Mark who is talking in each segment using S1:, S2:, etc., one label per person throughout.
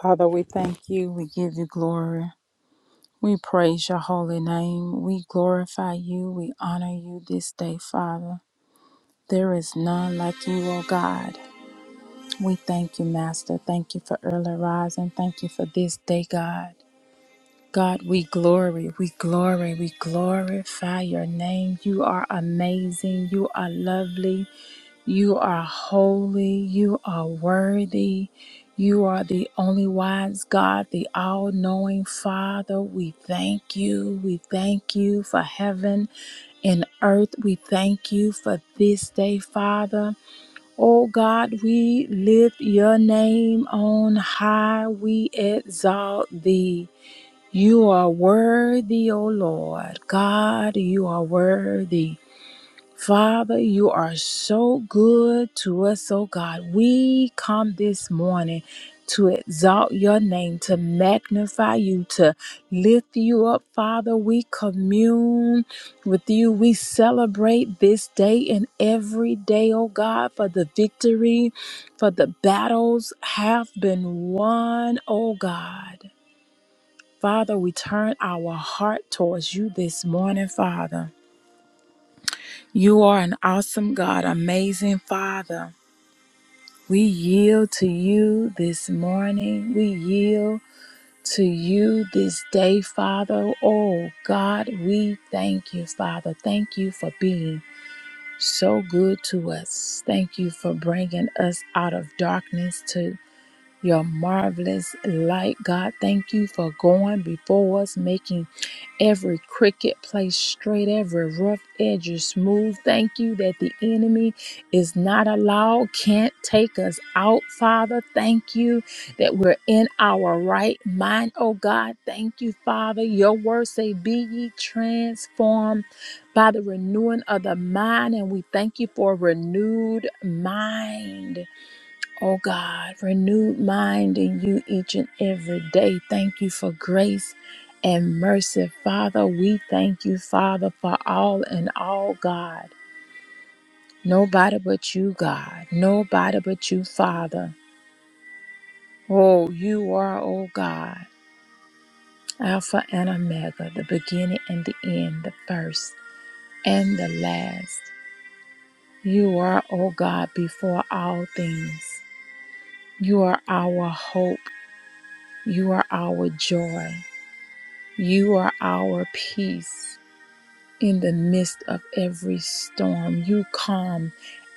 S1: Father, we thank you. We give you glory. We praise your holy name. We glorify you. We honor you this day, Father. There is none like you, O God. We thank you, Master. Thank you for early rising. Thank you for this day, God. God, we glory, we glory, we glorify your name. You are amazing. You are lovely. You are holy. You are worthy. You are the only wise God, the all knowing Father. We thank you. We thank you for heaven and earth. We thank you for this day, Father. Oh God, we lift your name on high. We exalt thee. You are worthy, O Lord. God, you are worthy. Father, you are so good to us, oh God. We come this morning to exalt your name, to magnify you, to lift you up, Father. We commune with you. We celebrate this day and every day, oh God, for the victory, for the battles have been won, oh God. Father, we turn our heart towards you this morning, Father. You are an awesome God, amazing Father. We yield to you this morning. We yield to you this day, Father. Oh, God, we thank you, Father. Thank you for being so good to us. Thank you for bringing us out of darkness to your marvelous light, God. Thank you for going before us, making Every cricket placed straight, every rough edge is smooth. Thank you that the enemy is not allowed, can't take us out, Father. Thank you that we're in our right mind, oh God. Thank you, Father. Your word say, Be ye transformed by the renewing of the mind. And we thank you for a renewed mind. Oh God, renewed mind in you each and every day. Thank you for grace and mercy. Father, we thank you, Father, for all and all, God. Nobody but you, God. Nobody but you, Father. Oh, you are, oh God, Alpha and Omega, the beginning and the end, the first and the last. You are, oh God, before all things. You are our hope. You are our joy. You are our peace in the midst of every storm. You calm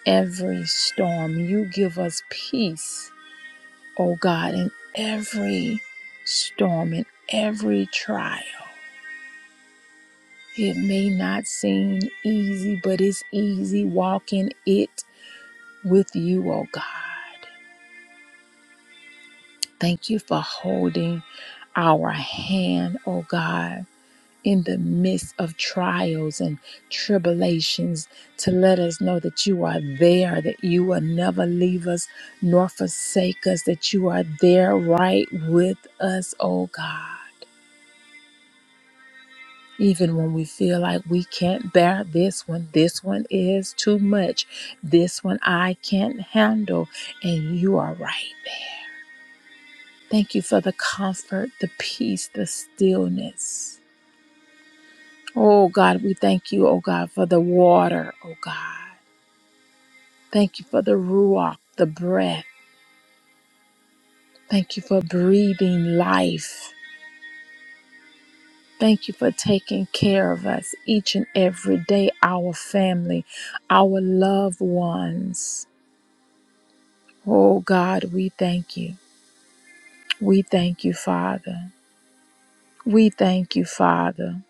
S1: every storm. You give us peace, oh God, in every storm, in every trial. It may not seem easy, but it's easy walking it with you, oh God. Thank you for holding our hand, oh God in the midst of trials and tribulations to let us know that you are there, that you will never leave us nor forsake us, that you are there right with us, oh God. Even when we feel like we can't bear this one, this one is too much, this one I can't handle, and you are right there. Thank you for the comfort, the peace, the stillness. Oh God, we thank you, oh God, for the water, oh God. Thank you for the ruach, the breath. Thank you for breathing life. Thank you for taking care of us each and every day, our family, our loved ones. Oh God, we thank you. We thank you, Father. We thank you, Father.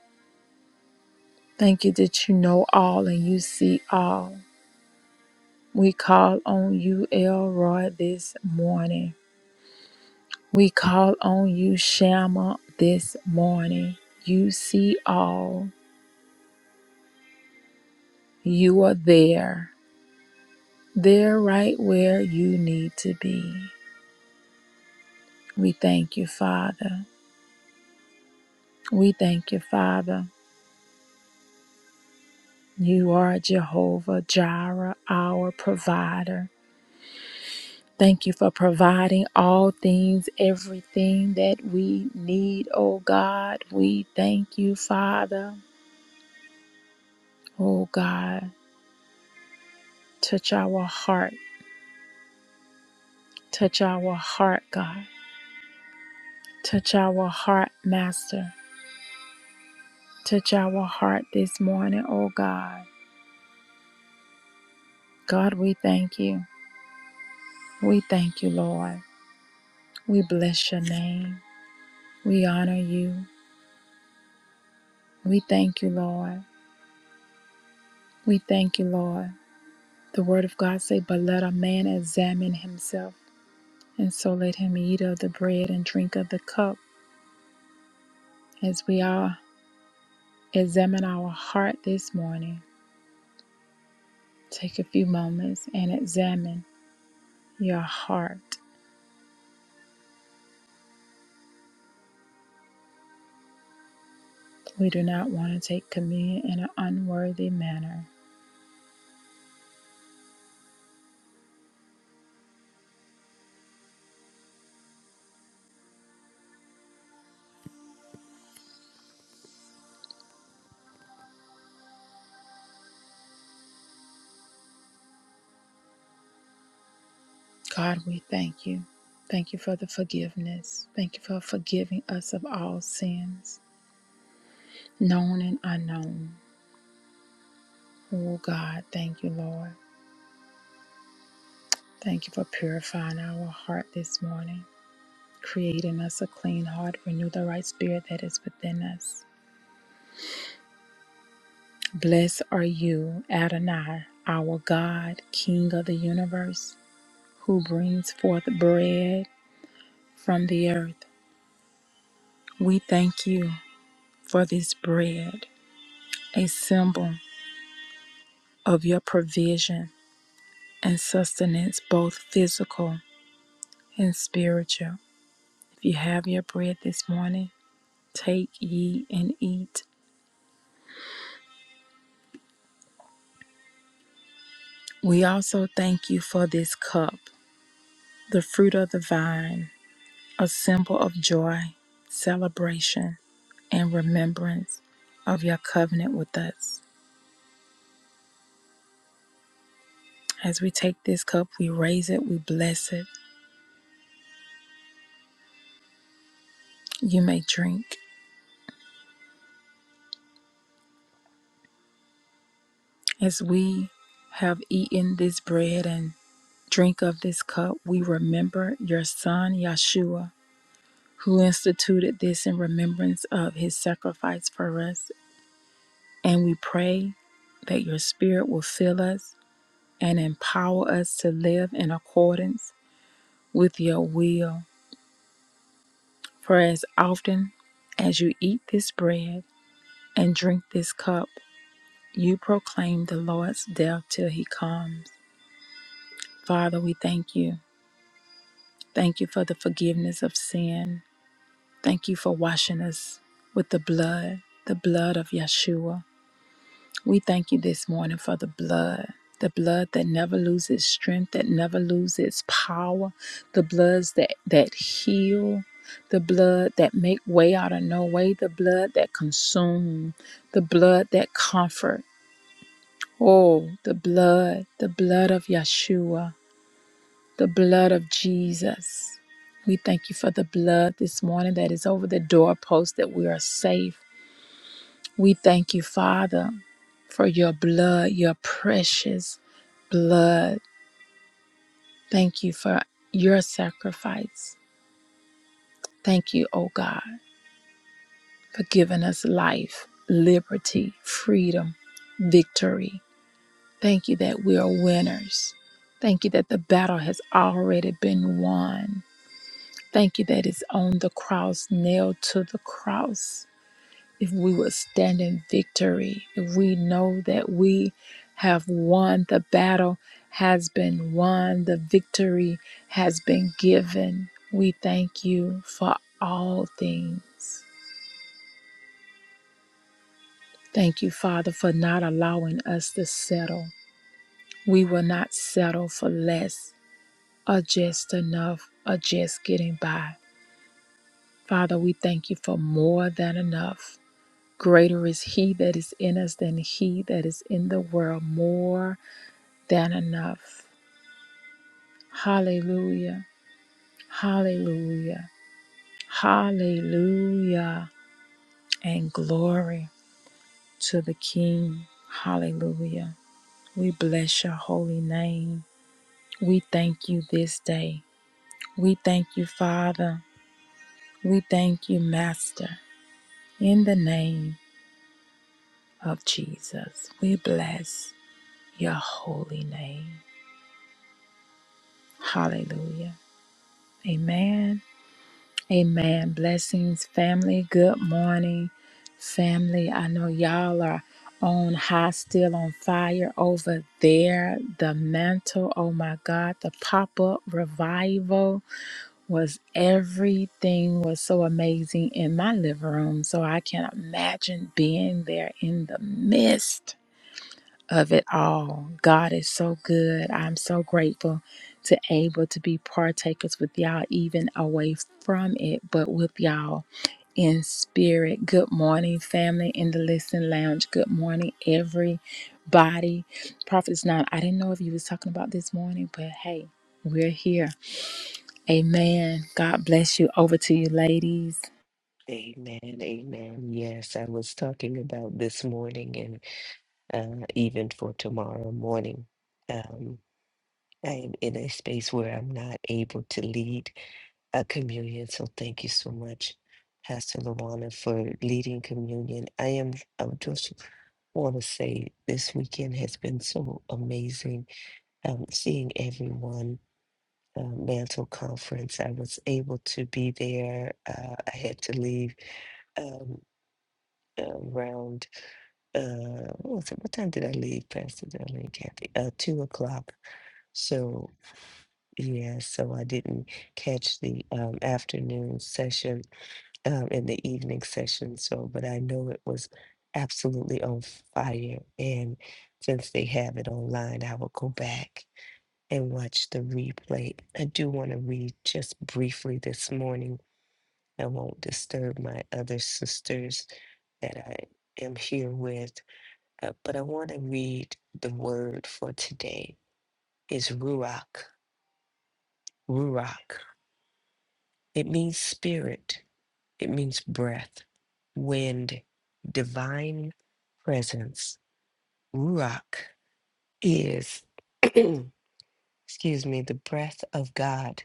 S1: Thank you that you know all and you see all. We call on you, Elroy, this morning. We call on you, Shammah, this morning. You see all. You are there, there right where you need to be. We thank you, Father. We thank you, Father. You are Jehovah Jireh, our provider. Thank you for providing all things, everything that we need, oh God. We thank you, Father. Oh God, touch our heart. Touch our heart, God. Touch our heart, Master. Touch our heart this morning, oh God. God, we thank you. We thank you, Lord. We bless your name. We honor you. We thank you, Lord. We thank you, Lord. The word of God say, but let a man examine himself, and so let him eat of the bread and drink of the cup. As we all examine our heart this morning, take a few moments and examine your heart. We do not want to take communion in an unworthy manner. God, we thank you. Thank you for the forgiveness. Thank you for forgiving us of all sins, known and unknown. Oh, God, thank you, Lord. Thank you for purifying our heart this morning, creating us a clean heart, renew the right spirit that is within us. Blessed are you, Adonai, our God, King of the universe, who brings forth bread from the earth. We thank you for this bread, a symbol. of your provision and sustenance, both physical and spiritual. If you have your bread this morning, take ye and eat. We also thank you for this cup, the fruit of the vine, a symbol of joy, celebration, and remembrance of your covenant with us. As we take this cup, we raise it, we bless it. You may drink. As we have eaten this bread and drink of this cup, we remember your son, Yeshua, who instituted this in remembrance of his sacrifice for us. And we pray that your spirit will fill us and empower us to live in accordance with your will. For as often as you eat this bread and drink this cup, you proclaim the Lord's death till he comes. Father, we thank you. Thank you for the forgiveness of sin. Thank you for washing us with the blood, the blood of Yeshua. We thank you this morning for the blood, the blood that never loses strength, that never loses power, the bloods that, that heal, the blood that make way out of no way, the blood that consume, the blood that comfort. Oh, the blood, the blood of Yeshua, the blood of Jesus. We thank you for the blood this morning that is over the doorpost that we are safe We thank you, Father, for your blood, your precious blood. Thank you for your sacrifice. Thank you, O God, for giving us life, liberty, freedom, victory. Thank you that we are winners. Thank you that the battle has already been won. Thank you that it's on the cross, nailed to the cross. if we would stand in victory, if we know that we have won, the battle has been won, the victory has been given. We thank you for all things. Thank you, Father, for not allowing us to settle. We will not settle for less or just enough or just getting by. Father, we thank you for more than enough. Greater is He that is in us than He that is in the world. More than enough. Hallelujah. Hallelujah. Hallelujah. And glory to the King. Hallelujah. We bless your holy name. We thank you this day. We thank you, Father. We thank you, Master. In the name of Jesus, we bless your holy name. Hallelujah. Amen Amen. Blessings, family. Good morning, family. I know y'all are on high, still on fire over there. The mantle, oh my God, the pop up revival was everything was so amazing in my living room. So I can imagine being there in the midst of it all. God is so good. I'm so grateful to able to be partakers with y'all, even away from it, but with y'all in spirit. Good morning, family in the Listen Lounge. Good morning, everybody. Prophet's not. I didn't know if you was talking about this morning, but hey, we're here. Amen. God bless you. Over to you, ladies.
S2: Amen, amen. Yes, I was talking about this morning and uh, even for tomorrow morning. Um, I am in a space where I'm not able to lead a communion. So thank you so much, Pastor Lawana, for leading communion. I am, I would just want to say this weekend has been so amazing. Um, seeing everyone, uh, Mantle Conference, I was able to be there. Uh, I had to leave um, around. uh what was it? What time did I leave, Pastor Darlene Kathy? Uh two o'clock. So yeah, so I didn't catch the um afternoon session um and the evening session. So but I know it was absolutely on fire. And since they have it online, I will go back and watch the replay. I do want to read just briefly this morning. I won't disturb my other sisters that I am here with. Uh, but I want to read the word for today is ruach. Ruach. It means spirit. It means breath, wind, divine presence. Ruach is, excuse me, the breath of God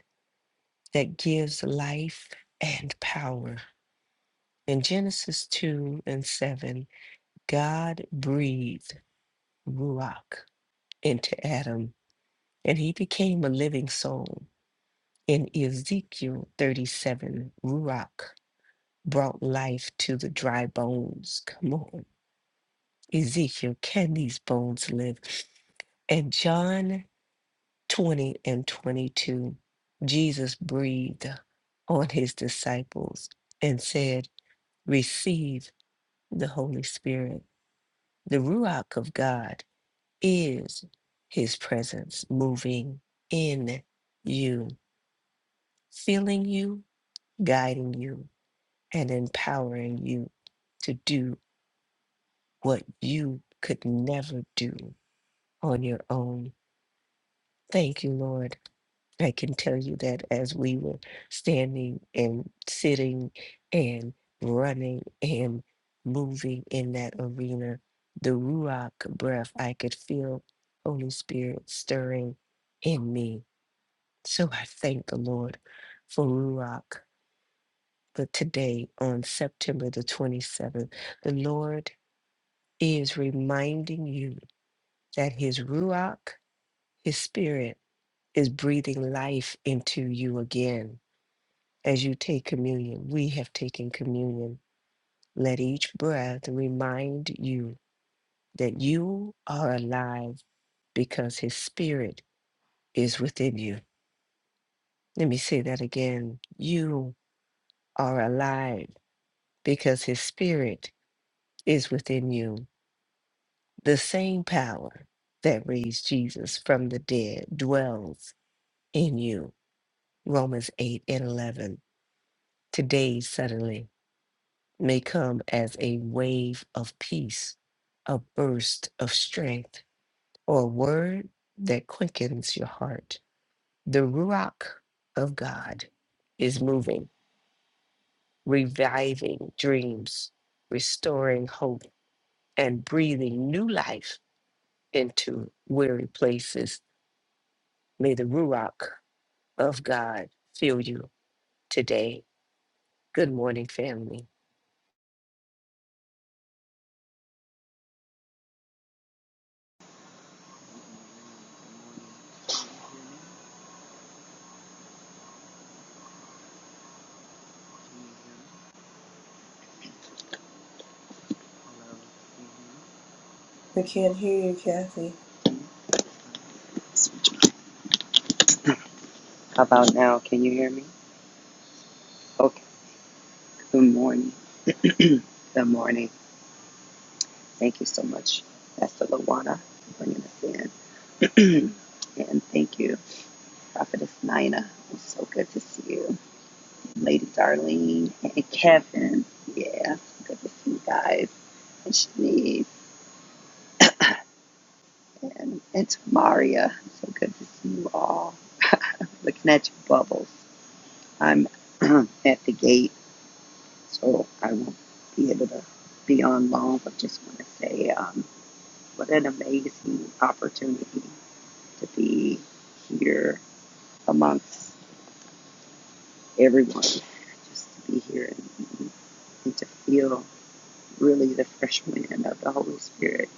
S2: that gives life and power. In Genesis 2 and 7, God breathed ruach into Adam, and he became a living soul. In Ezekiel 37, Ruach brought life to the dry bones. Come on. Ezekiel, can these bones live? And John 20 and 22, Jesus breathed on his disciples and said, Receive the Holy Spirit. The Ruach of God is his presence moving in you, filling you, guiding you. and empowering you to do what you could never do on your own. Thank you, Lord. I can tell you that as we were standing and sitting and running and moving in that arena, the Ruach breath, I could feel Holy Spirit stirring in me. So I thank the Lord for Ruach. But today, on September the 27th, the Lord He is reminding you that his Ruach, his spirit, is breathing life into you again. As you take communion, we have taken communion. Let each breath remind you that you are alive because his spirit is within you. Let me say that again. You are alive because his spirit is within you. The same power that raised Jesus from the dead dwells in you. Romans 8 and 11. Today, suddenly, may come as a wave of peace, a burst of strength, or a word that quickens your heart. The Ruach of God is moving, reviving dreams, restoring hope, and breathing new life into weary places. May the Ruach of God fill you today. Good morning, family.
S3: We can't hear you, Kathy.
S4: How about now? Can you hear me? Okay. Good morning. Good morning. Thank you so much, Pastor Lawana, for bringing us in. and thank you, Prophetess Nina. It's so good to see you. Lady Darlene and Kevin. Yeah, good to see you guys. And Shanice and, and Tamaria. So good to see you all. Looking at your bubbles. I'm at the gate So I won't be able to be on long, but just want to say um, what an amazing opportunity to be here amongst everyone, just to be here and, and to feel really the fresh wind of the Holy Spirit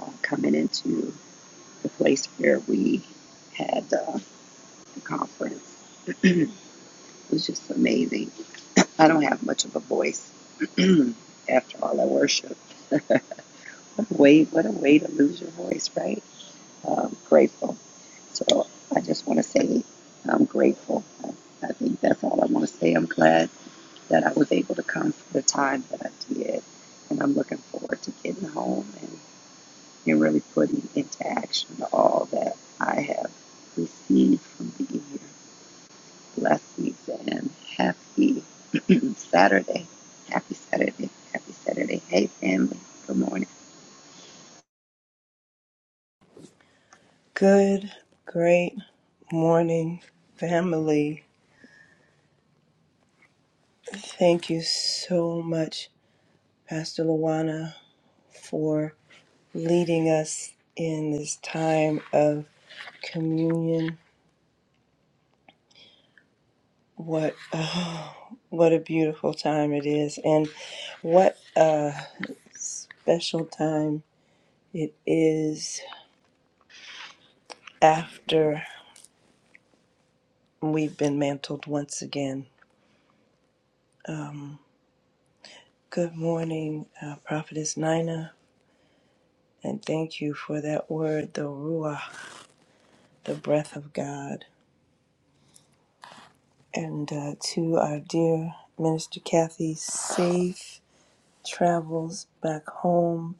S4: uh, coming into the place where we had uh, the conference. it was just amazing. I don't have much of a voice after all that worship. What a way, what a way to lose your voice, right? um, grateful. So I just want to say I'm grateful. I, I think that's all I want to say. I'm glad that I was able to come for the time that I did, and I'm looking forward to getting home and, and really putting into action all that I have received from being here. Blessings and happy Saturday. Happy Saturday. Happy Saturday. Hey, family. Good morning.
S3: Good, great morning, family. Thank you so much, Pastor Luana, for leading us in this time of communion. What ah, what a beautiful time it is, and what a special time it is after we've been mantled once again. Good morning, uh, Prophetess Nina. And thank you for that word, the Ruah, the breath of God. And uh, to our dear Minister Kathy, safe travels back home.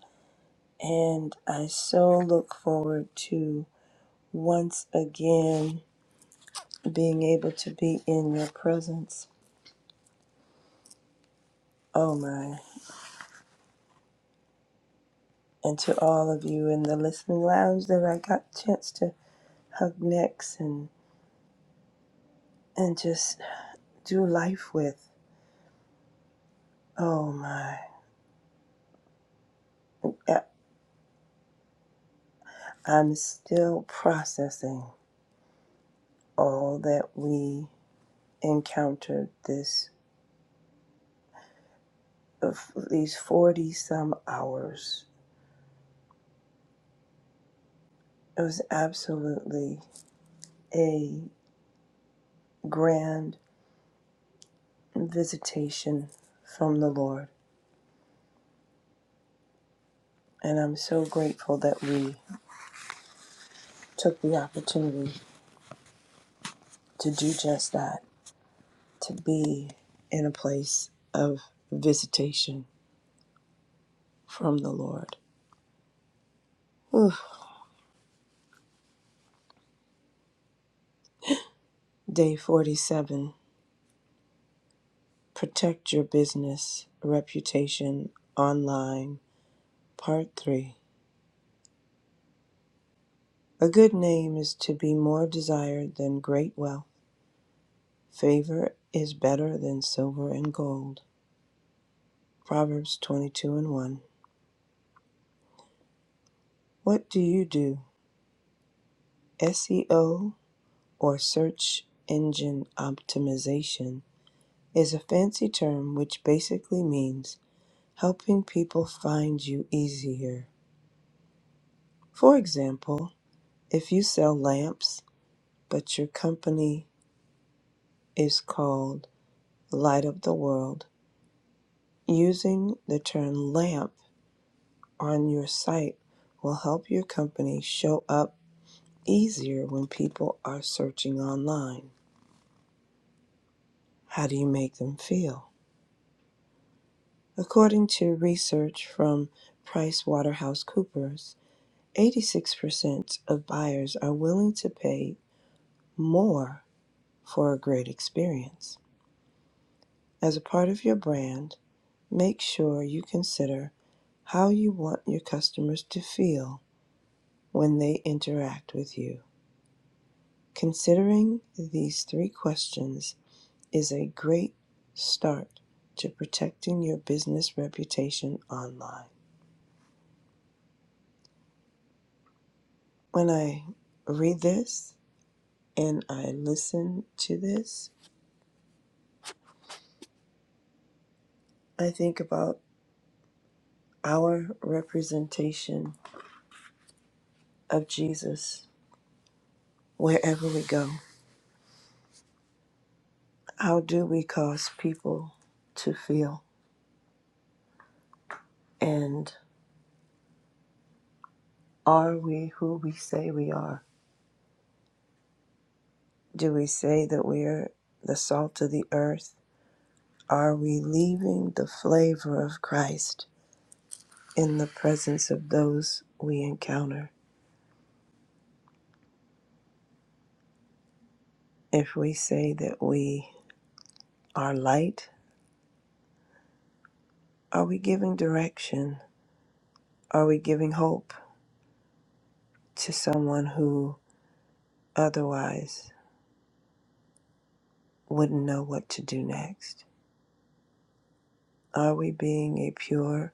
S3: And I so look forward to once again being able to be in your presence. Oh my. And to all of you in the listening lounge that I got a chance to hug necks and, and just do life with. Oh my. I'm still processing all that we encountered this of these 40 some hours. It was absolutely a grand visitation from the Lord, and I'm so grateful that we took the opportunity to do just that, to be in a place of visitation from the Lord. Whew. Day 47 Protect Your Business Reputation Online, Part 3. A good name is to be more desired than great wealth. Favor is better than silver and gold. Proverbs 22 and 1. What do you do? SEO or search engine optimization is a fancy term which basically means helping people find you easier. For example, if you sell lamps, but your company is called Light of the World. Using the term lamp on your site will help your company show up easier when people are searching online. How do you make them feel? According to research from PricewaterhouseCoopers, 86% of buyers are willing to pay more for a great experience. As a part of your brand, Make sure you consider how you want your customers to feel when they interact with you. Considering these three questions is a great start to protecting your business reputation online. When I read this and I listen to this, I think about our representation of Jesus wherever we go. How do we cause people to feel? And Are we who we say we are? Do we say that we're the salt of the earth? Are we leaving the flavor of Christ in the presence of those we encounter? If we say that we are light, are we giving direction? Are we giving hope to someone who otherwise wouldn't know what to do next? Are we being a pure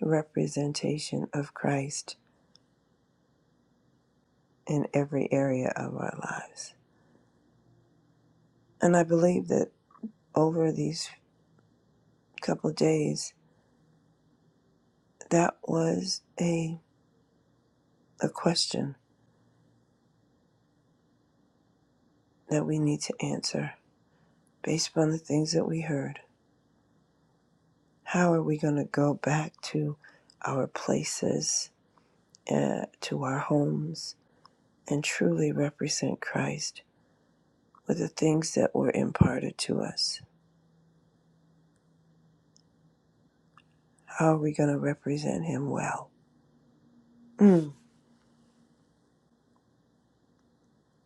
S3: representation of Christ in every area of our lives? And I believe that over these couple of days, that was a, a question that we need to answer based upon the things that we heard. How are we going to go back to our places, uh, to our homes, and truly represent Christ with the things that were imparted to us? How are we going to represent Him well? Mm.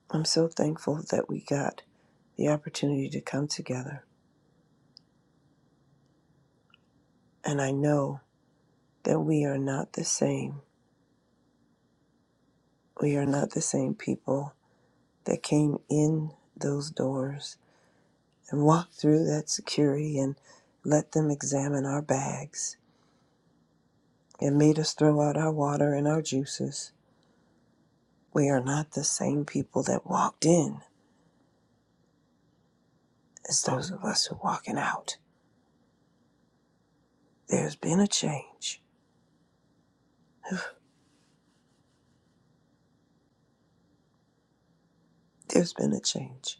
S3: I'm so thankful that we got the opportunity to come together. And I know that we are not the same. We are not the same people that came in those doors and walked through that security and let them examine our bags and made us throw out our water and our juices. We are not the same people that walked in as those of us who are walking out. There's been a change. There's been a change.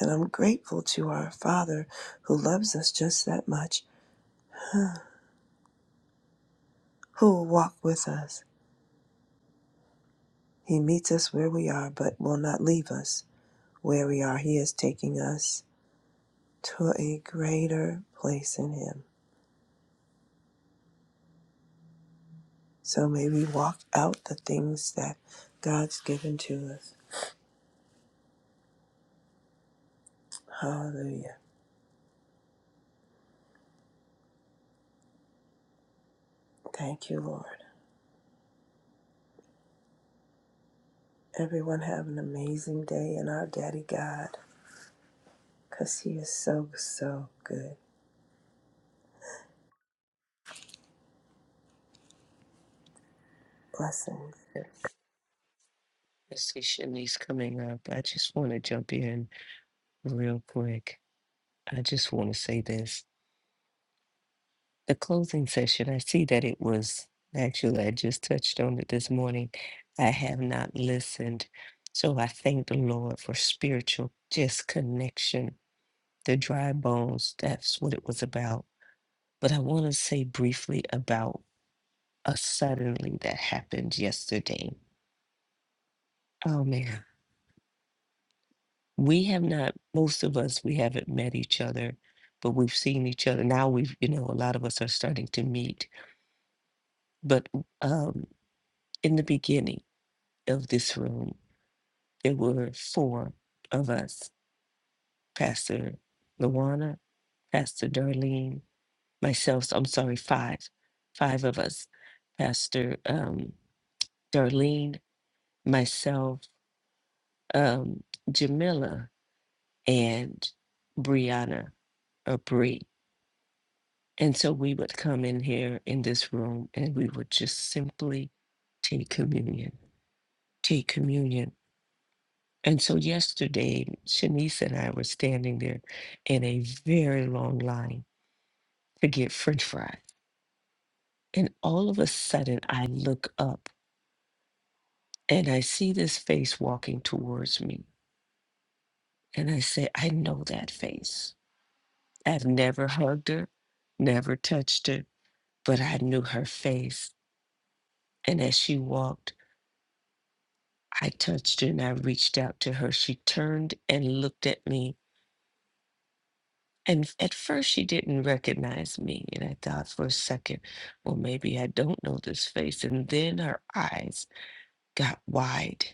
S3: And I'm grateful to our Father who loves us just that much, who will walk with us. He meets us where we are, but will not leave us. where we are, He is taking us to a greater place in Him. So may we walk out the things that God's given to us. Hallelujah. Thank you, Lord. Everyone have an amazing day in our Daddy God, because He is so, so good. Blessings.
S2: I see Shanice coming up. I just want to jump in real quick. I just want to say this. The closing session, I see that it was actually, I just touched on it this morning. I have not listened. So I thank the Lord for spiritual just connection, the dry bones. That's what it was about. But I want to say briefly about a suddenly that happened yesterday. Oh man. we have not most of us we haven't met each other but we've seen each other now we've you know a lot of us are starting to meet but um in the beginning of this room there were four of us pastor luana pastor darlene myself so i'm sorry five five of us pastor um darlene myself um jamila and brianna or Bree. And so we would come in here in this room and we would just simply take communion, take communion. And so yesterday, Shanice and I were standing there in a very long line to get french fries. And all of a sudden, I look up and I see this face walking towards me. And I say, I know that face. I've never hugged her, never touched her, but I knew her face. And as she walked, I touched her and I reached out to her. She turned and looked at me. And f- at first, she didn't recognize me. And I thought for a second, well, maybe I don't know this face. And then her eyes got wide.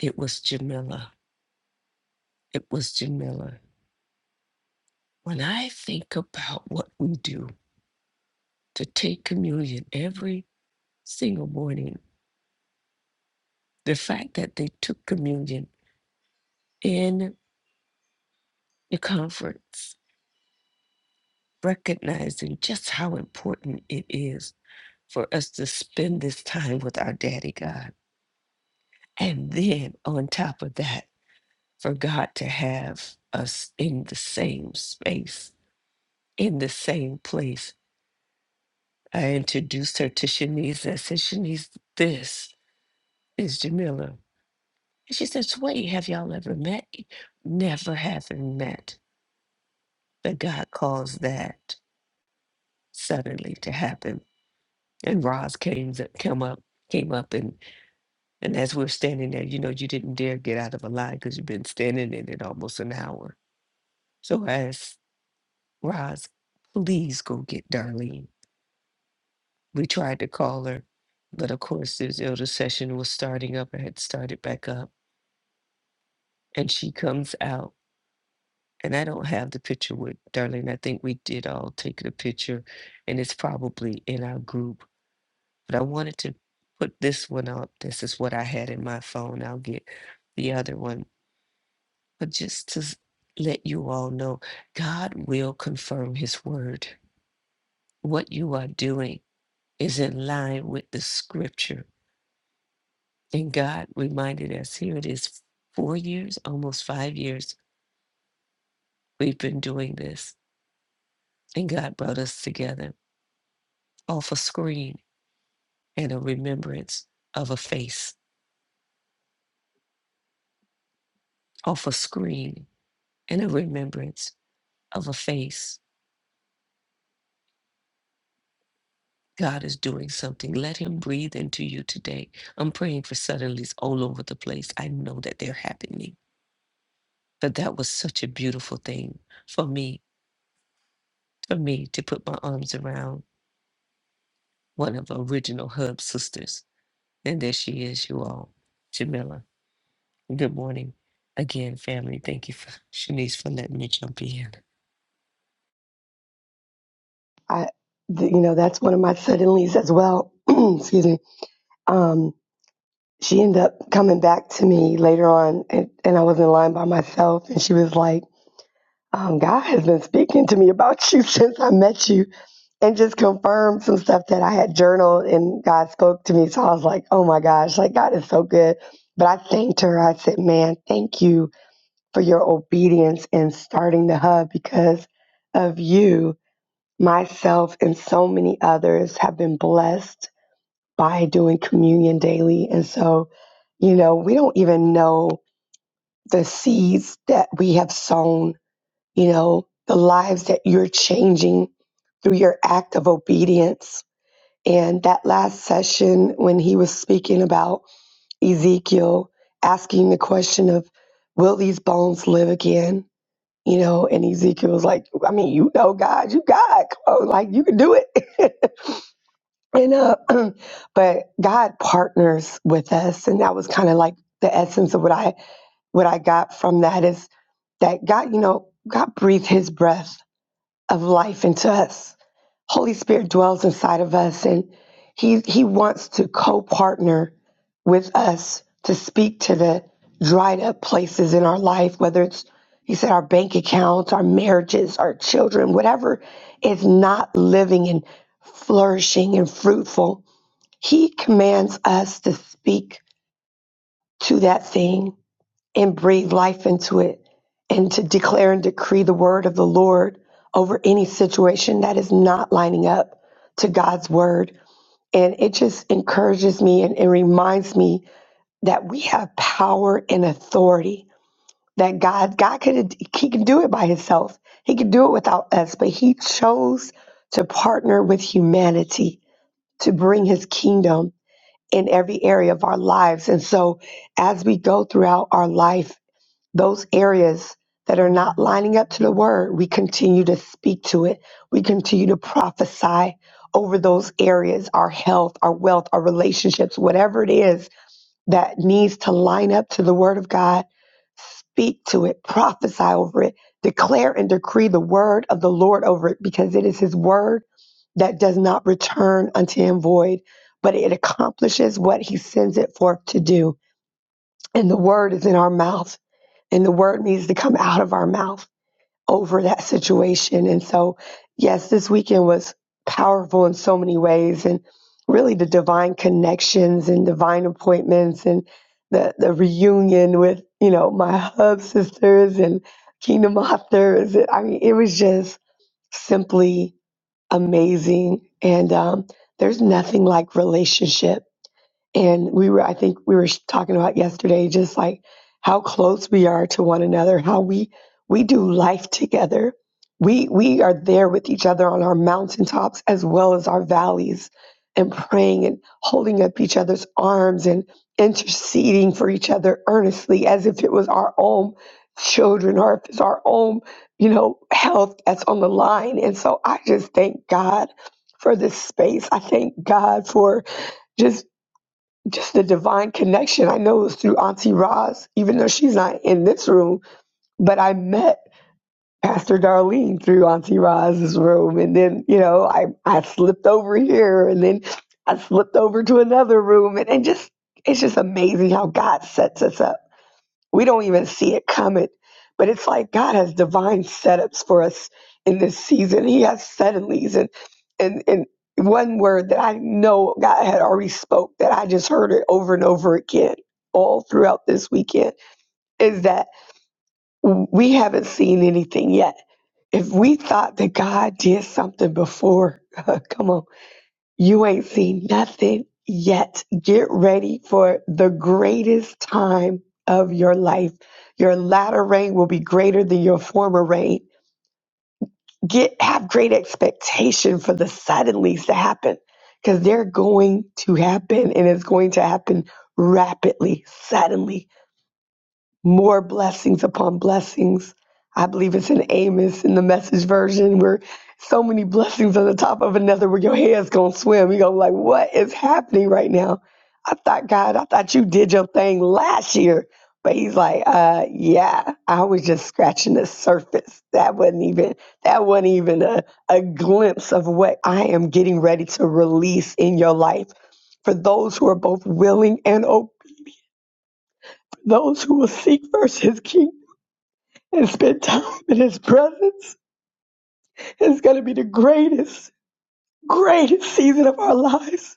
S2: It was Jamila. It was Jamila. When I think about what we do to take communion every single morning, the fact that they took communion in the conference, recognizing just how important it is for us to spend this time with our daddy God. And then on top of that, for God to have us in the same space, in the same place. I introduced her to Shanice. I said, Shanice, this is Jamila. And she says, Wait, have y'all ever met? Never having met. But God calls that suddenly to happen. And Roz came, came up, came up and. And as we're standing there, you know, you didn't dare get out of a line because you've been standing in it almost an hour. So I asked Roz, please go get Darlene. We tried to call her, but of course, this elder session was starting up. I had started back up. And she comes out, and I don't have the picture with Darlene. I think we did all take the picture, and it's probably in our group. But I wanted to put this one up. This is what I had in my phone. I'll get the other one But just to s- let you all know, God will confirm his word. What you are doing is in line with the scripture. And God reminded us here it is four years, almost five years, we've been doing this. And God brought us together off a screen and a remembrance of a face, off a screen and a remembrance of a face. God is doing something. Let Him breathe into you today. I'm praying for suddenlies all over the place. I know that they're happening. But that was such a beautiful thing for me, for me to put my arms around one of the original Hub sisters. And there she is, you all. Jamila, good morning. Again, family, thank you, for, Shanice, for letting me jump in.
S5: I, th- you know, that's one of my suddenlies as well. Excuse me. Um, she ended up coming back to me later on, and, and I was in line by myself, and she was like, um, "God has been speaking to me about you since I met you, and just confirmed some stuff that I had journaled, and God spoke to me." So I was like, "Oh my gosh, like God is so good." But I thanked her. I said, "Man, thank you for your obedience in starting the hub because of you." myself and so many others have been blessed by doing communion daily. And so, you know, we don't even know the seeds that we have sown, you know, the lives that you're changing through your act of obedience. And that last session, when he was speaking about Ezekiel asking the question of, will these bones live again? You know, and Ezekiel was like, I mean, you know, God, you God, come on, like you can do it. And uh, but God partners with us, and that was kind of like the essence of what I what I got from that is that God, you know, God breathed His breath of life into us. Holy Spirit dwells inside of us, and He He wants to co-partner with us to speak to the dried up places in our life, whether it's He said our bank accounts, our marriages, our children, whatever is not living and flourishing and fruitful he commands us to speak to that thing and breathe life into it and to declare and decree the word of the Lord over any situation that is not lining up to God's word. And it just encourages me and, and reminds me that we have power and authority that God, God could, he can do it by himself. He could do it without us, but he chose to partner with humanity to bring his kingdom in every area of our lives. And so, as we go throughout our life, those areas that are not lining up to the word, we continue to speak to it. We continue to prophesy over those areas our health, our wealth, our relationships, whatever it is that needs to line up to the word of God, speak to it, prophesy over it, declare and decree the word of the Lord over it, because it is his word that does not return unto him void, but it accomplishes what he sends it forth to do. And the word is in our mouth, and the word needs to come out of our mouth over that situation. And so, yes, this weekend was powerful in so many ways and really the divine connections and divine appointments and the, the reunion with, you know, my hub sisters and kingdom authors. I mean, it was just simply amazing. And um, there's nothing like relationship and we were i think we were talking about yesterday just like how close we are to one another how we we do life together we we are there with each other on our mountaintops as well as our valleys and praying and holding up each other's arms and interceding for each other earnestly as if it was our own children or if it's our own you know health that's on the line and so i just thank god for this space i thank god for just just the divine connection. I know it was through Auntie Roz, even though she's not in this room, but I met Pastor Darlene through Auntie Roz's room. And then, you know, I, I slipped over here and then I slipped over to another room. And, and just, it's just amazing how God sets us up we don't even see it coming. But it's like God has divine setups for us in this season. He has suddenlies and and and one word that I know God had already spoke that I just heard it over and over again all throughout this weekend is that we haven't seen anything yet. If we thought that God did something before, come on you ain't seen nothing yet. Get ready for the greatest time of your life. Your latter rain will be greater than your former rain. Get have great expectation for the suddenlies to happen because they're going to happen and it's going to happen rapidly, suddenly more blessings upon blessings. I believe it's in Amos in the message version where so many blessings on the top of another where your head's gonna swim. You're gonna be like, what is happening right now? I thought, God, I thought you did your thing last year. But he's like, uh, yeah, I was just scratching the surface. That wasn't even that wasn't even a, a glimpse of what I am getting ready to release in your life. For those who are both willing and open, those who will seek first his kingdom and spend time in His presence is going to be the greatest, greatest season of our lives.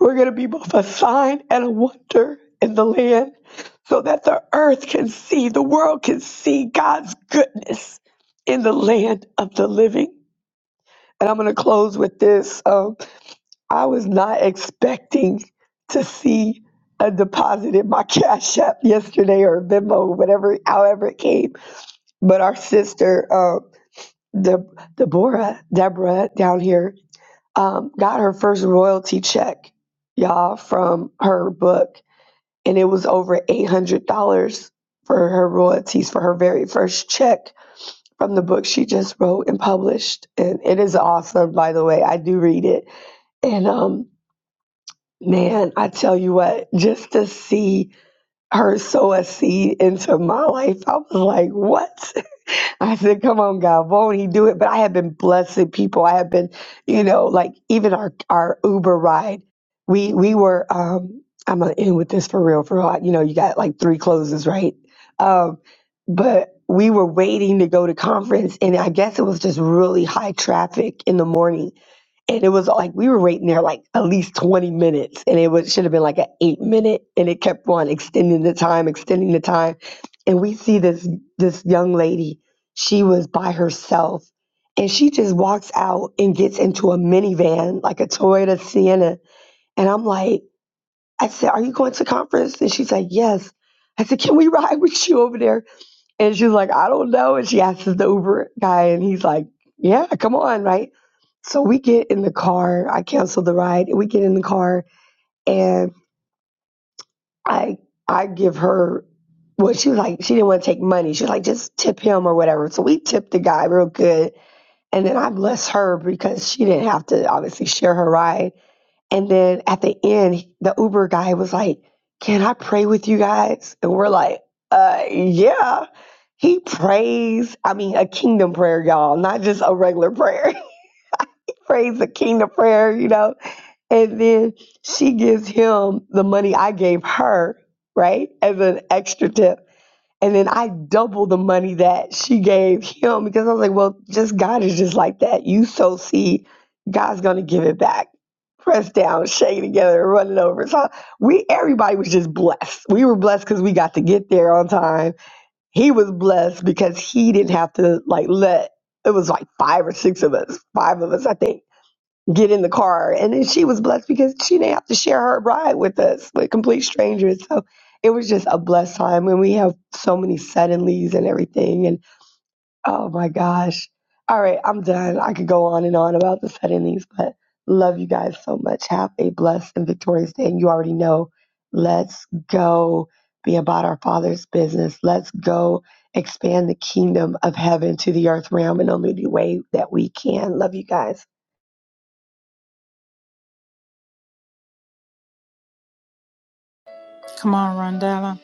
S5: We're going to be both a sign and a wonder in the land so that the earth can see, the world can see God's goodness in the land of the living. And I'm going to close with this. Um, I was not expecting to see a deposit in my cash app yesterday or Venmo, whatever, however it came. But our sister, um, the Deborah Deborah down here um, got her first royalty check, y'all, from her book, and it was over eight hundred dollars for her royalties for her very first check from the book she just wrote and published. And it is awesome, by the way. I do read it, and um, man, I tell you what, just to see her sow a seed into my life, I was like, what? I said, come on, God, won't he do it? But I have been blessing people. I have been, you know, like even our, our Uber ride, we, we were, um, I'm going to end with this for real, for real. You know, you got like three closes, right? Um, but we were waiting to go to conference and I guess it was just really high traffic in the morning and it was like we were waiting there like at least 20 minutes and it was, should have been like an eight minute and it kept on extending the time extending the time and we see this this young lady she was by herself and she just walks out and gets into a minivan like a toyota sienna and i'm like i said are you going to conference and she's like yes i said can we ride with you over there and she's like, I don't know. And she asks the Uber guy, and he's like, Yeah, come on, right? So we get in the car. I cancel the ride. We get in the car, and I I give her well, she was like, she didn't want to take money. She was like, just tip him or whatever. So we tipped the guy real good. And then I bless her because she didn't have to obviously share her ride. And then at the end, the Uber guy was like, Can I pray with you guys? And we're like, uh, Yeah. He prays, I mean, a kingdom prayer, y'all, not just a regular prayer. He prays a kingdom prayer, you know? And then she gives him the money I gave her, right? As an extra tip. And then I doubled the money that she gave him because I was like, well, just God is just like that. You sow seed, God's gonna give it back. Pressed down, shaking together, and run over. So we everybody was just blessed. We were blessed because we got to get there on time. He was blessed because he didn't have to like let it was like five or six of us, five of us, I think get in the car. And then she was blessed because she didn't have to share her ride with us, with complete strangers. So it was just a blessed time. And we have so many suddenlies and everything. And oh my gosh. All right, I'm done. I could go on and on about the suddenlies, but love you guys so much. Have a blessed and victorious day. And you already know, let's go be about our Father's business. Let's go expand the kingdom of heaven to the earth realm in only the way that we can. Love you guys.
S1: Come on, Rondella.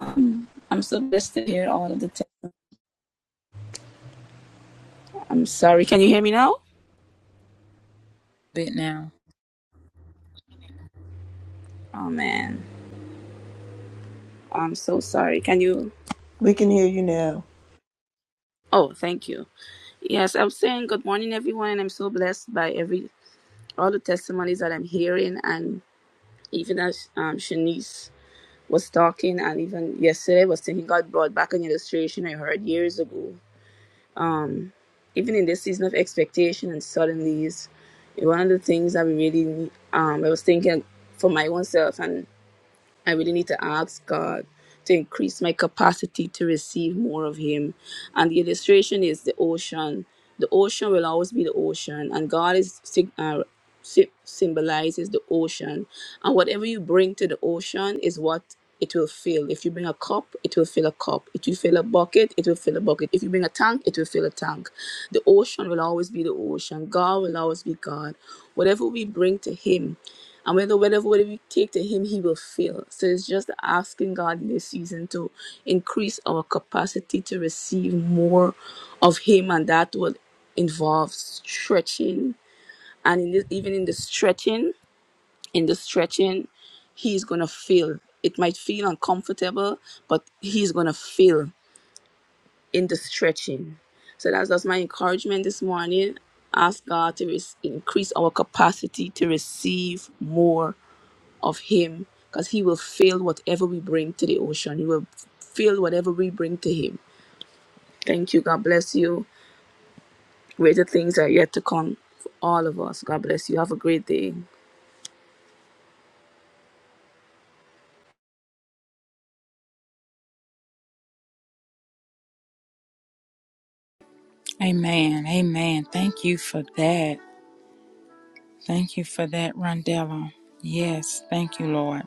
S6: Um, I'm so blessed to hear all of the time. I'm sorry. Can you hear me now?
S1: Bit now.
S6: Oh man, I'm so sorry. Can you?
S3: We can hear you now.
S6: Oh, thank you. Yes, I'm saying good morning, everyone, and I'm so blessed by every all the testimonies that I'm hearing, and even as um, Shanice was talking, and even yesterday was thinking God brought back an illustration I heard years ago. Um, even in this season of expectation and suddenlies, one of the things that we really um, I was thinking for my own self and I really need to ask God to increase my capacity to receive more of Him. And the illustration is the ocean. The ocean will always be the ocean, and God is sig- uh, sy- symbolizes the ocean. And whatever you bring to the ocean is what it will fill. If you bring a cup, it will fill a cup. If you fill a bucket, it will fill a bucket. If you bring a tank, it will fill a tank. The ocean will always be the ocean. God will always be God. Whatever we bring to Him, and whether whatever, we take to Him, He will fill. So it's just asking God in this season to increase our capacity to receive more of Him, and that will involve stretching. And in this, even in the stretching, in the stretching, he's going to feel. It might feel uncomfortable, but he's going to feel in the stretching. So that's, that's my encouragement this morning. Ask God to res- increase our capacity to receive more of Him because He will fill whatever we bring to the ocean. He will fill whatever we bring to Him. Thank you. God bless you. Greater things are yet to come for all of us. God bless you. Have a great day.
S1: Amen. Amen. Thank you for that. Thank you for that, Rondella. Yes, thank you, Lord.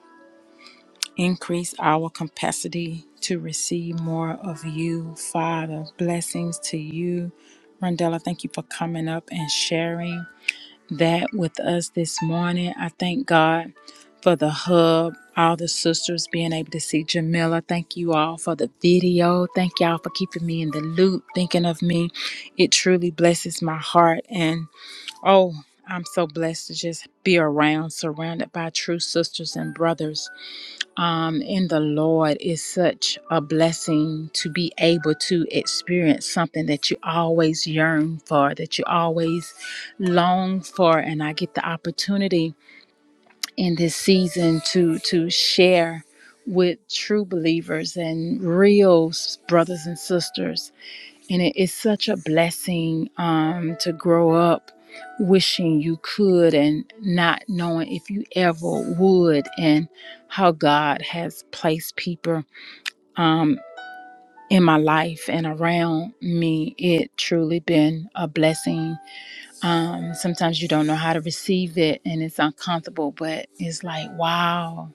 S1: Increase our capacity to receive more of you, Father. Blessings to you. Rondella, thank you for coming up and sharing that with us this morning. I thank God for the hub, all the sisters being able to see Jamila. Thank you all for the video. Thank y'all for keeping me in the loop, thinking of me. It truly blesses my heart. And Oh, I'm so blessed to just be around, surrounded by true sisters and brothers. Um, in the Lord is such a blessing to be able to experience something that you always yearn for, that you always long for, and I get the opportunity in this season to to share with true believers and real brothers and sisters and it is such a blessing um, to grow up wishing you could and not knowing if you ever would and how god has placed people in my life and around me it truly been a blessing um, sometimes you don't know how to receive it and it's uncomfortable but it's like wow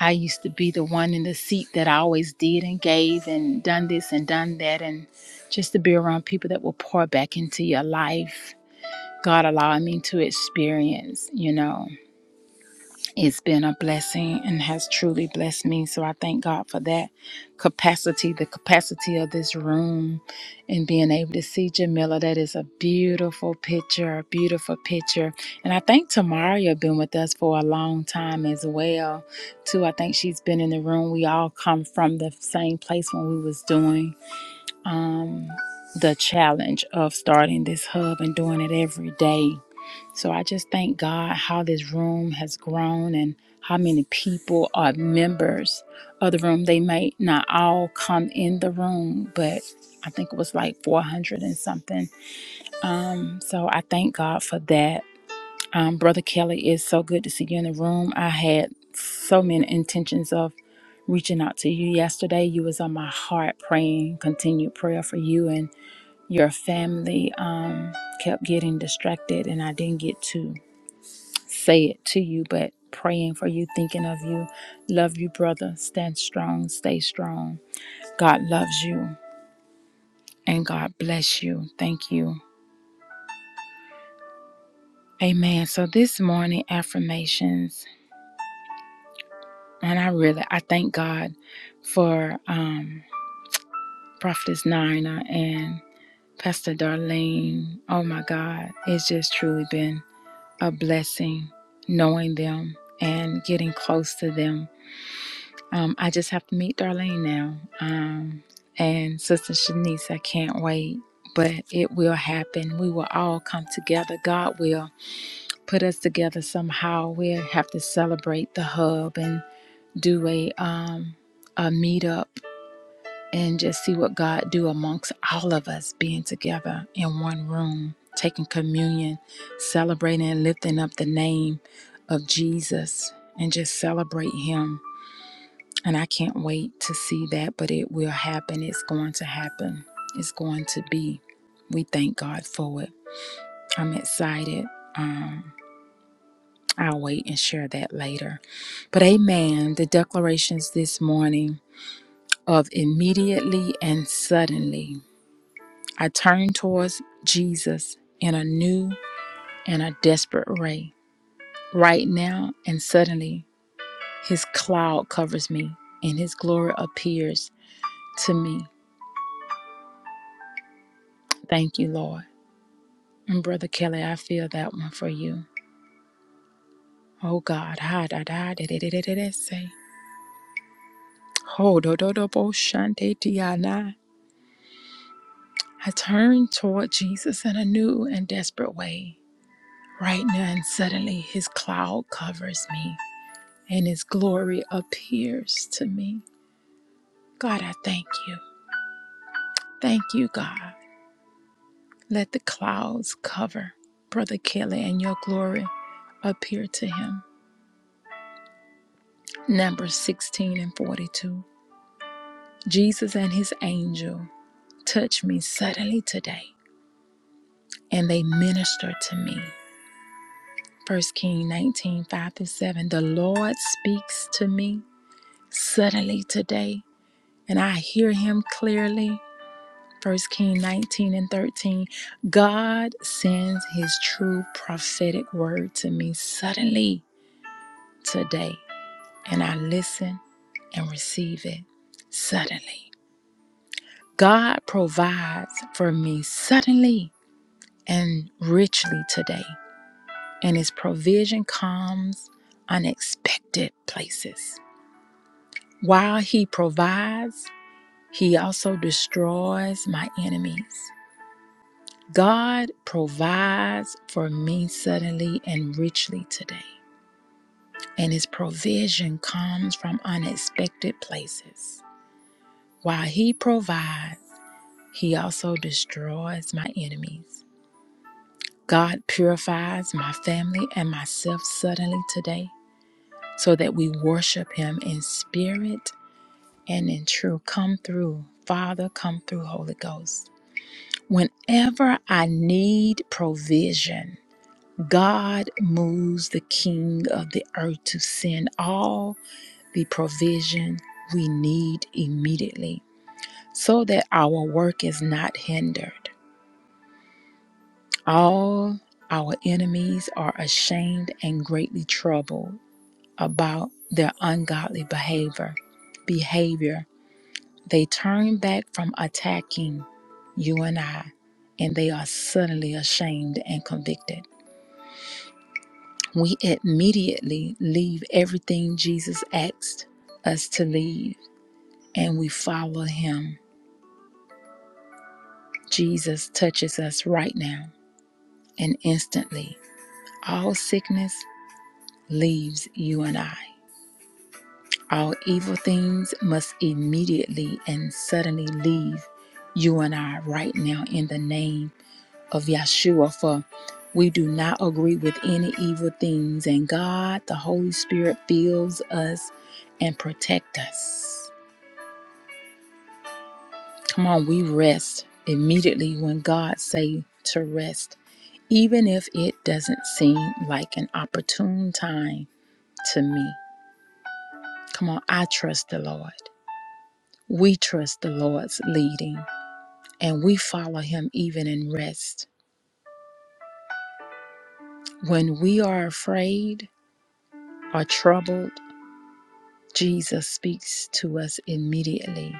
S1: I used to be the one in the seat that I always did and gave and done this and done that. And just to be around people that will pour back into your life, God allowing me to experience, you know. It's been a blessing and has truly blessed me. So I thank God for that capacity, the capacity of this room, and being able to see Jamila. That is a beautiful picture, a beautiful picture. And I think Tamaria been with us for a long time as well, too. I think she's been in the room. We all come from the same place when we was doing um, the challenge of starting this hub and doing it every day so I just thank God how this room has grown and how many people are members of the room. They may not all come in the room, but I think it was like 400 and something. Um, so I thank God for that. Um, Brother Kelly, it's so good to see you in the room. I had so many intentions of reaching out to you yesterday. You was on my heart praying, continued prayer for you and your family. Um, kept getting distracted and I didn't get to say it to you, but praying for you, thinking of you. Love you, brother. Stand strong, stay strong. God loves you and God bless you. Thank you. Amen. So this morning affirmations, and I really I thank God for um Prophetess Nina and Pastor Darlene. Oh my God, it's just truly been a blessing knowing them and getting close to them Um, I just have to meet Darlene now. Um, and Sister Shanice, I can't wait. But it will happen. We will all come together. God will put us together somehow. We'll have to celebrate the hub and do a um a meetup and just see what God do amongst all of us being together in one room, taking communion, celebrating and lifting up the name of Jesus and just celebrate him and I can't wait to see that, but it will happen. It's going to happen. It's going to be. We thank God for it. I'm excited. Um, I'll wait and share that later. But amen. The declarations this morning of immediately and suddenly. I turn towards Jesus in a new and a desperate way. Right now and suddenly, his cloud covers me and his glory appears to me. Thank you, Lord. And Brother Kelly, I feel that one for you. Oh God, ha da da da da da da da da, say. Ho do do do bo shante tiana. I turned toward Jesus in a new and desperate way. Right now and suddenly his cloud covers me and his glory appears to me. God, I thank you. Thank you, God. Let the clouds cover Brother Kelly and your glory appear to him. Numbers 16 and 42. Jesus and his angel. touched me suddenly today and they ministered to me. First King 19 5 through 7. The Lord speaks to me suddenly today and I hear him clearly. First King 19 and 13. God sends his true prophetic word to me suddenly today and I listen and receive it suddenly. God provides for me suddenly and richly today. and his provision comes unexpected places. While he provides, he also destroys my enemies. God provides for me suddenly and richly today, and his provision comes from unexpected places. While he provides, he also destroys my enemies. God purifies my family and myself suddenly today so that we worship him in spirit and in truth. Come through, Father, come through, Holy Ghost. Whenever I need provision, God moves the King of the earth to send all the provision we need immediately so that our work is not hindered. All our enemies are ashamed and greatly troubled about their ungodly behavior. Behavior They turn back from attacking you and I, and they are suddenly ashamed and convicted. We immediately leave everything Jesus asked us to leave and we follow him. Jesus touches us right now, and instantly, all sickness leaves you and I. All evil things must immediately and suddenly leave you and I right now in the name of Yeshua, for we do not agree with any evil things, and God, the Holy Spirit, fills us and protect us. Come on, we rest immediately when God say to rest, even if it doesn't seem like an opportune time to me. Come on, I trust the Lord. We trust the Lord's leading and we follow him even in rest. When we are afraid or troubled, Jesus speaks to us immediately,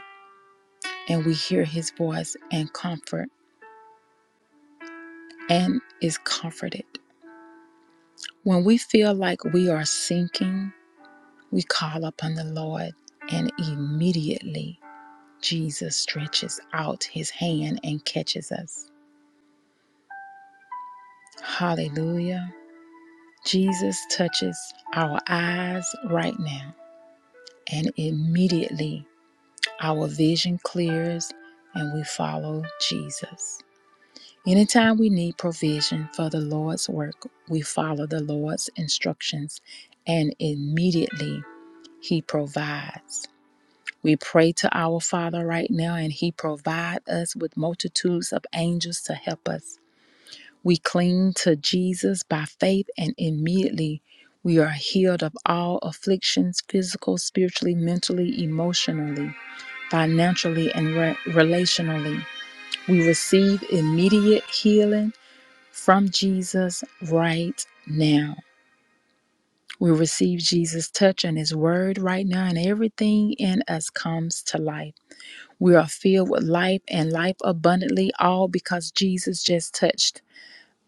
S1: and we hear his voice and comfort and is comforted. When we feel like we are sinking, we call upon the Lord, and immediately Jesus stretches out his hand and catches us. Hallelujah. Jesus touches our eyes right now, and immediately our vision clears and we follow Jesus. Anytime we need provision for the Lord's work, we follow the Lord's instructions and immediately He provides. We pray to our Father right now and He provides us with multitudes of angels to help us. We cling to Jesus by faith and immediately we are healed of all afflictions physical, spiritually, mentally, emotionally, financially, and re- relationally. We receive immediate healing from Jesus right now. We receive Jesus' touch and His word right now, and everything in us comes to life. We are filled with life and life abundantly, all because Jesus just touched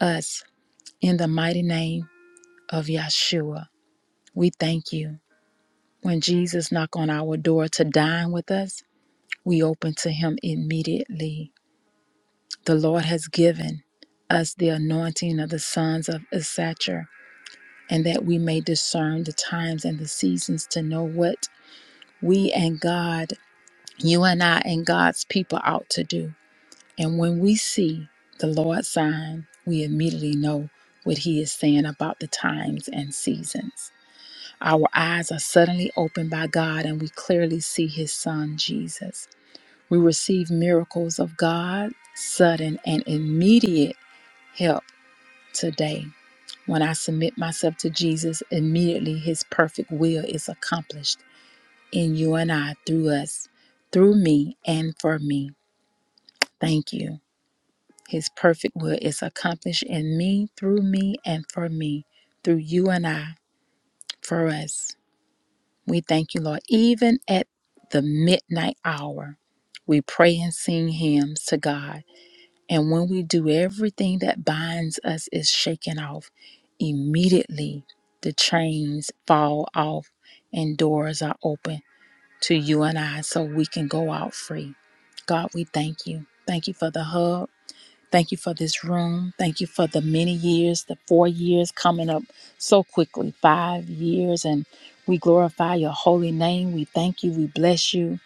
S1: us in the mighty name of Yeshua. We thank you. When Jesus knocked on our door to dine with us, we open to Him immediately. The Lord has given us the anointing of the sons of Issachar and that we may discern the times and the seasons to know what we and God, you and I, and God's people ought to do. And when we see the Lord's sign, we immediately know what He is saying about the times and seasons. Our eyes are suddenly opened by God, and we clearly see His Son, Jesus. We receive miracles of God, sudden and immediate help today. When I submit myself to Jesus, immediately his perfect will is accomplished in you and I, through us, through me, and for me. Thank you. His perfect will is accomplished in me, through me, and for me, through you and I, for us. We thank you, Lord. Even at the midnight hour, we pray and sing hymns to God And when we do, everything that binds us is shaken off. Immediately, the chains fall off and doors are open to you and I so we can go out free. God, we thank you. Thank you for the hub. Thank you for this room. Thank you for the many years, the four years coming up so quickly, five years. And we glorify your holy name. We thank you. We bless you.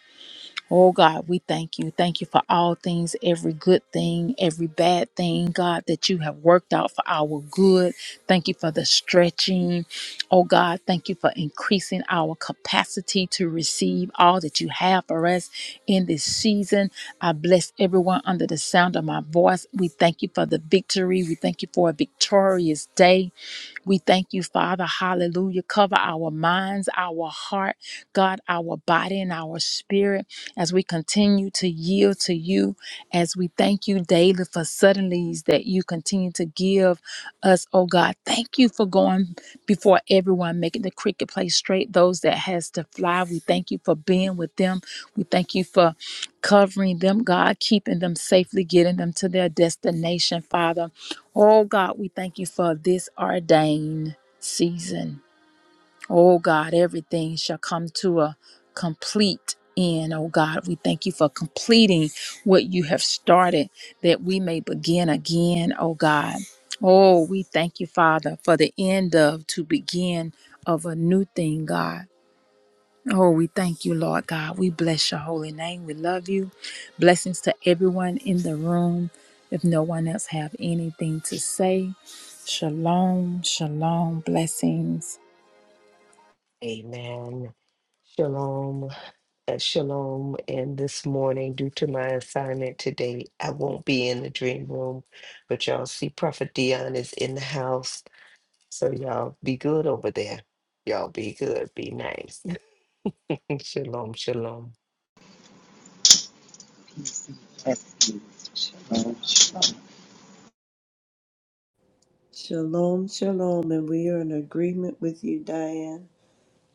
S1: Oh God, we thank you. Thank you for all things, every good thing, every bad thing, God, that you have worked out for our good. Thank you for the stretching. Oh God, thank you for increasing our capacity to receive all that you have for us in this season. I bless everyone under the sound of my voice. We thank you for the victory. We thank you for a victorious day. We thank you, Father. Hallelujah. Cover our minds, our heart, God, our body, and our spirit as we continue to yield to you. As we thank you daily for suddenlies that you continue to give us, oh God. Thank you for going before everyone, making the cricket play straight. Those that has to fly, we thank you for being with them. We thank you for covering them, God, keeping them safely, getting them to their destination, Father. Oh God, we thank you for this ordained season. Oh God, everything shall come to a complete end. Oh God, we thank you for completing what you have started that we may begin again. Oh God. Oh, we thank you, Father, for the end of to begin of a new thing, God. Oh, we thank you, Lord God. We bless your holy name. We love you. Blessings to everyone in the room. If no one else have anything to say, shalom, shalom, blessings.
S2: Amen. Shalom. at Shalom, and this morning, due to my assignment today, I won't be in the dream room. But y'all see, Prophet Dion is in the house, so y'all be good over there. Y'all be good, be nice. shalom, shalom.
S4: Blessings. Shalom. Shalom.
S3: Shalom, shalom. And we are in agreement with you, Diane,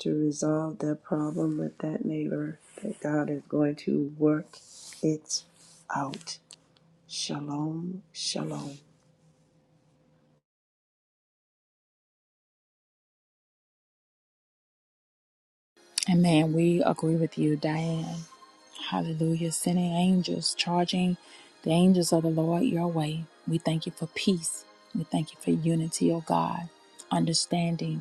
S3: to resolve that problem with that neighbor, that God is going to work it out. Shalom, shalom.
S1: Amen. We agree with you, Diane. Hallelujah. Sending angels, charging the angels of the Lord your way. We thank you for peace. We thank you for unity, oh God, understanding.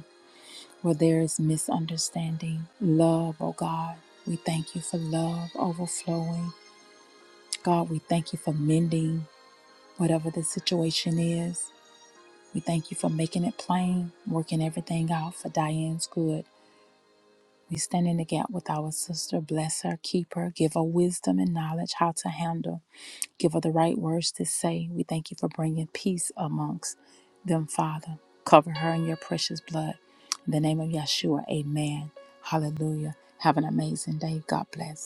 S1: where there is misunderstanding. Love, oh God, we thank you for love overflowing. God, we thank you for mending whatever the situation is. We thank you for making it plain, working everything out for Diane's good. We stand in the gap with our sister, bless her, keep her, give her wisdom and knowledge how to handle. Give her the right words to say. We thank you for bringing peace amongst them, Father. Cover her in your precious blood. In the name of Yeshua, amen. Hallelujah. Have an amazing day. God bless.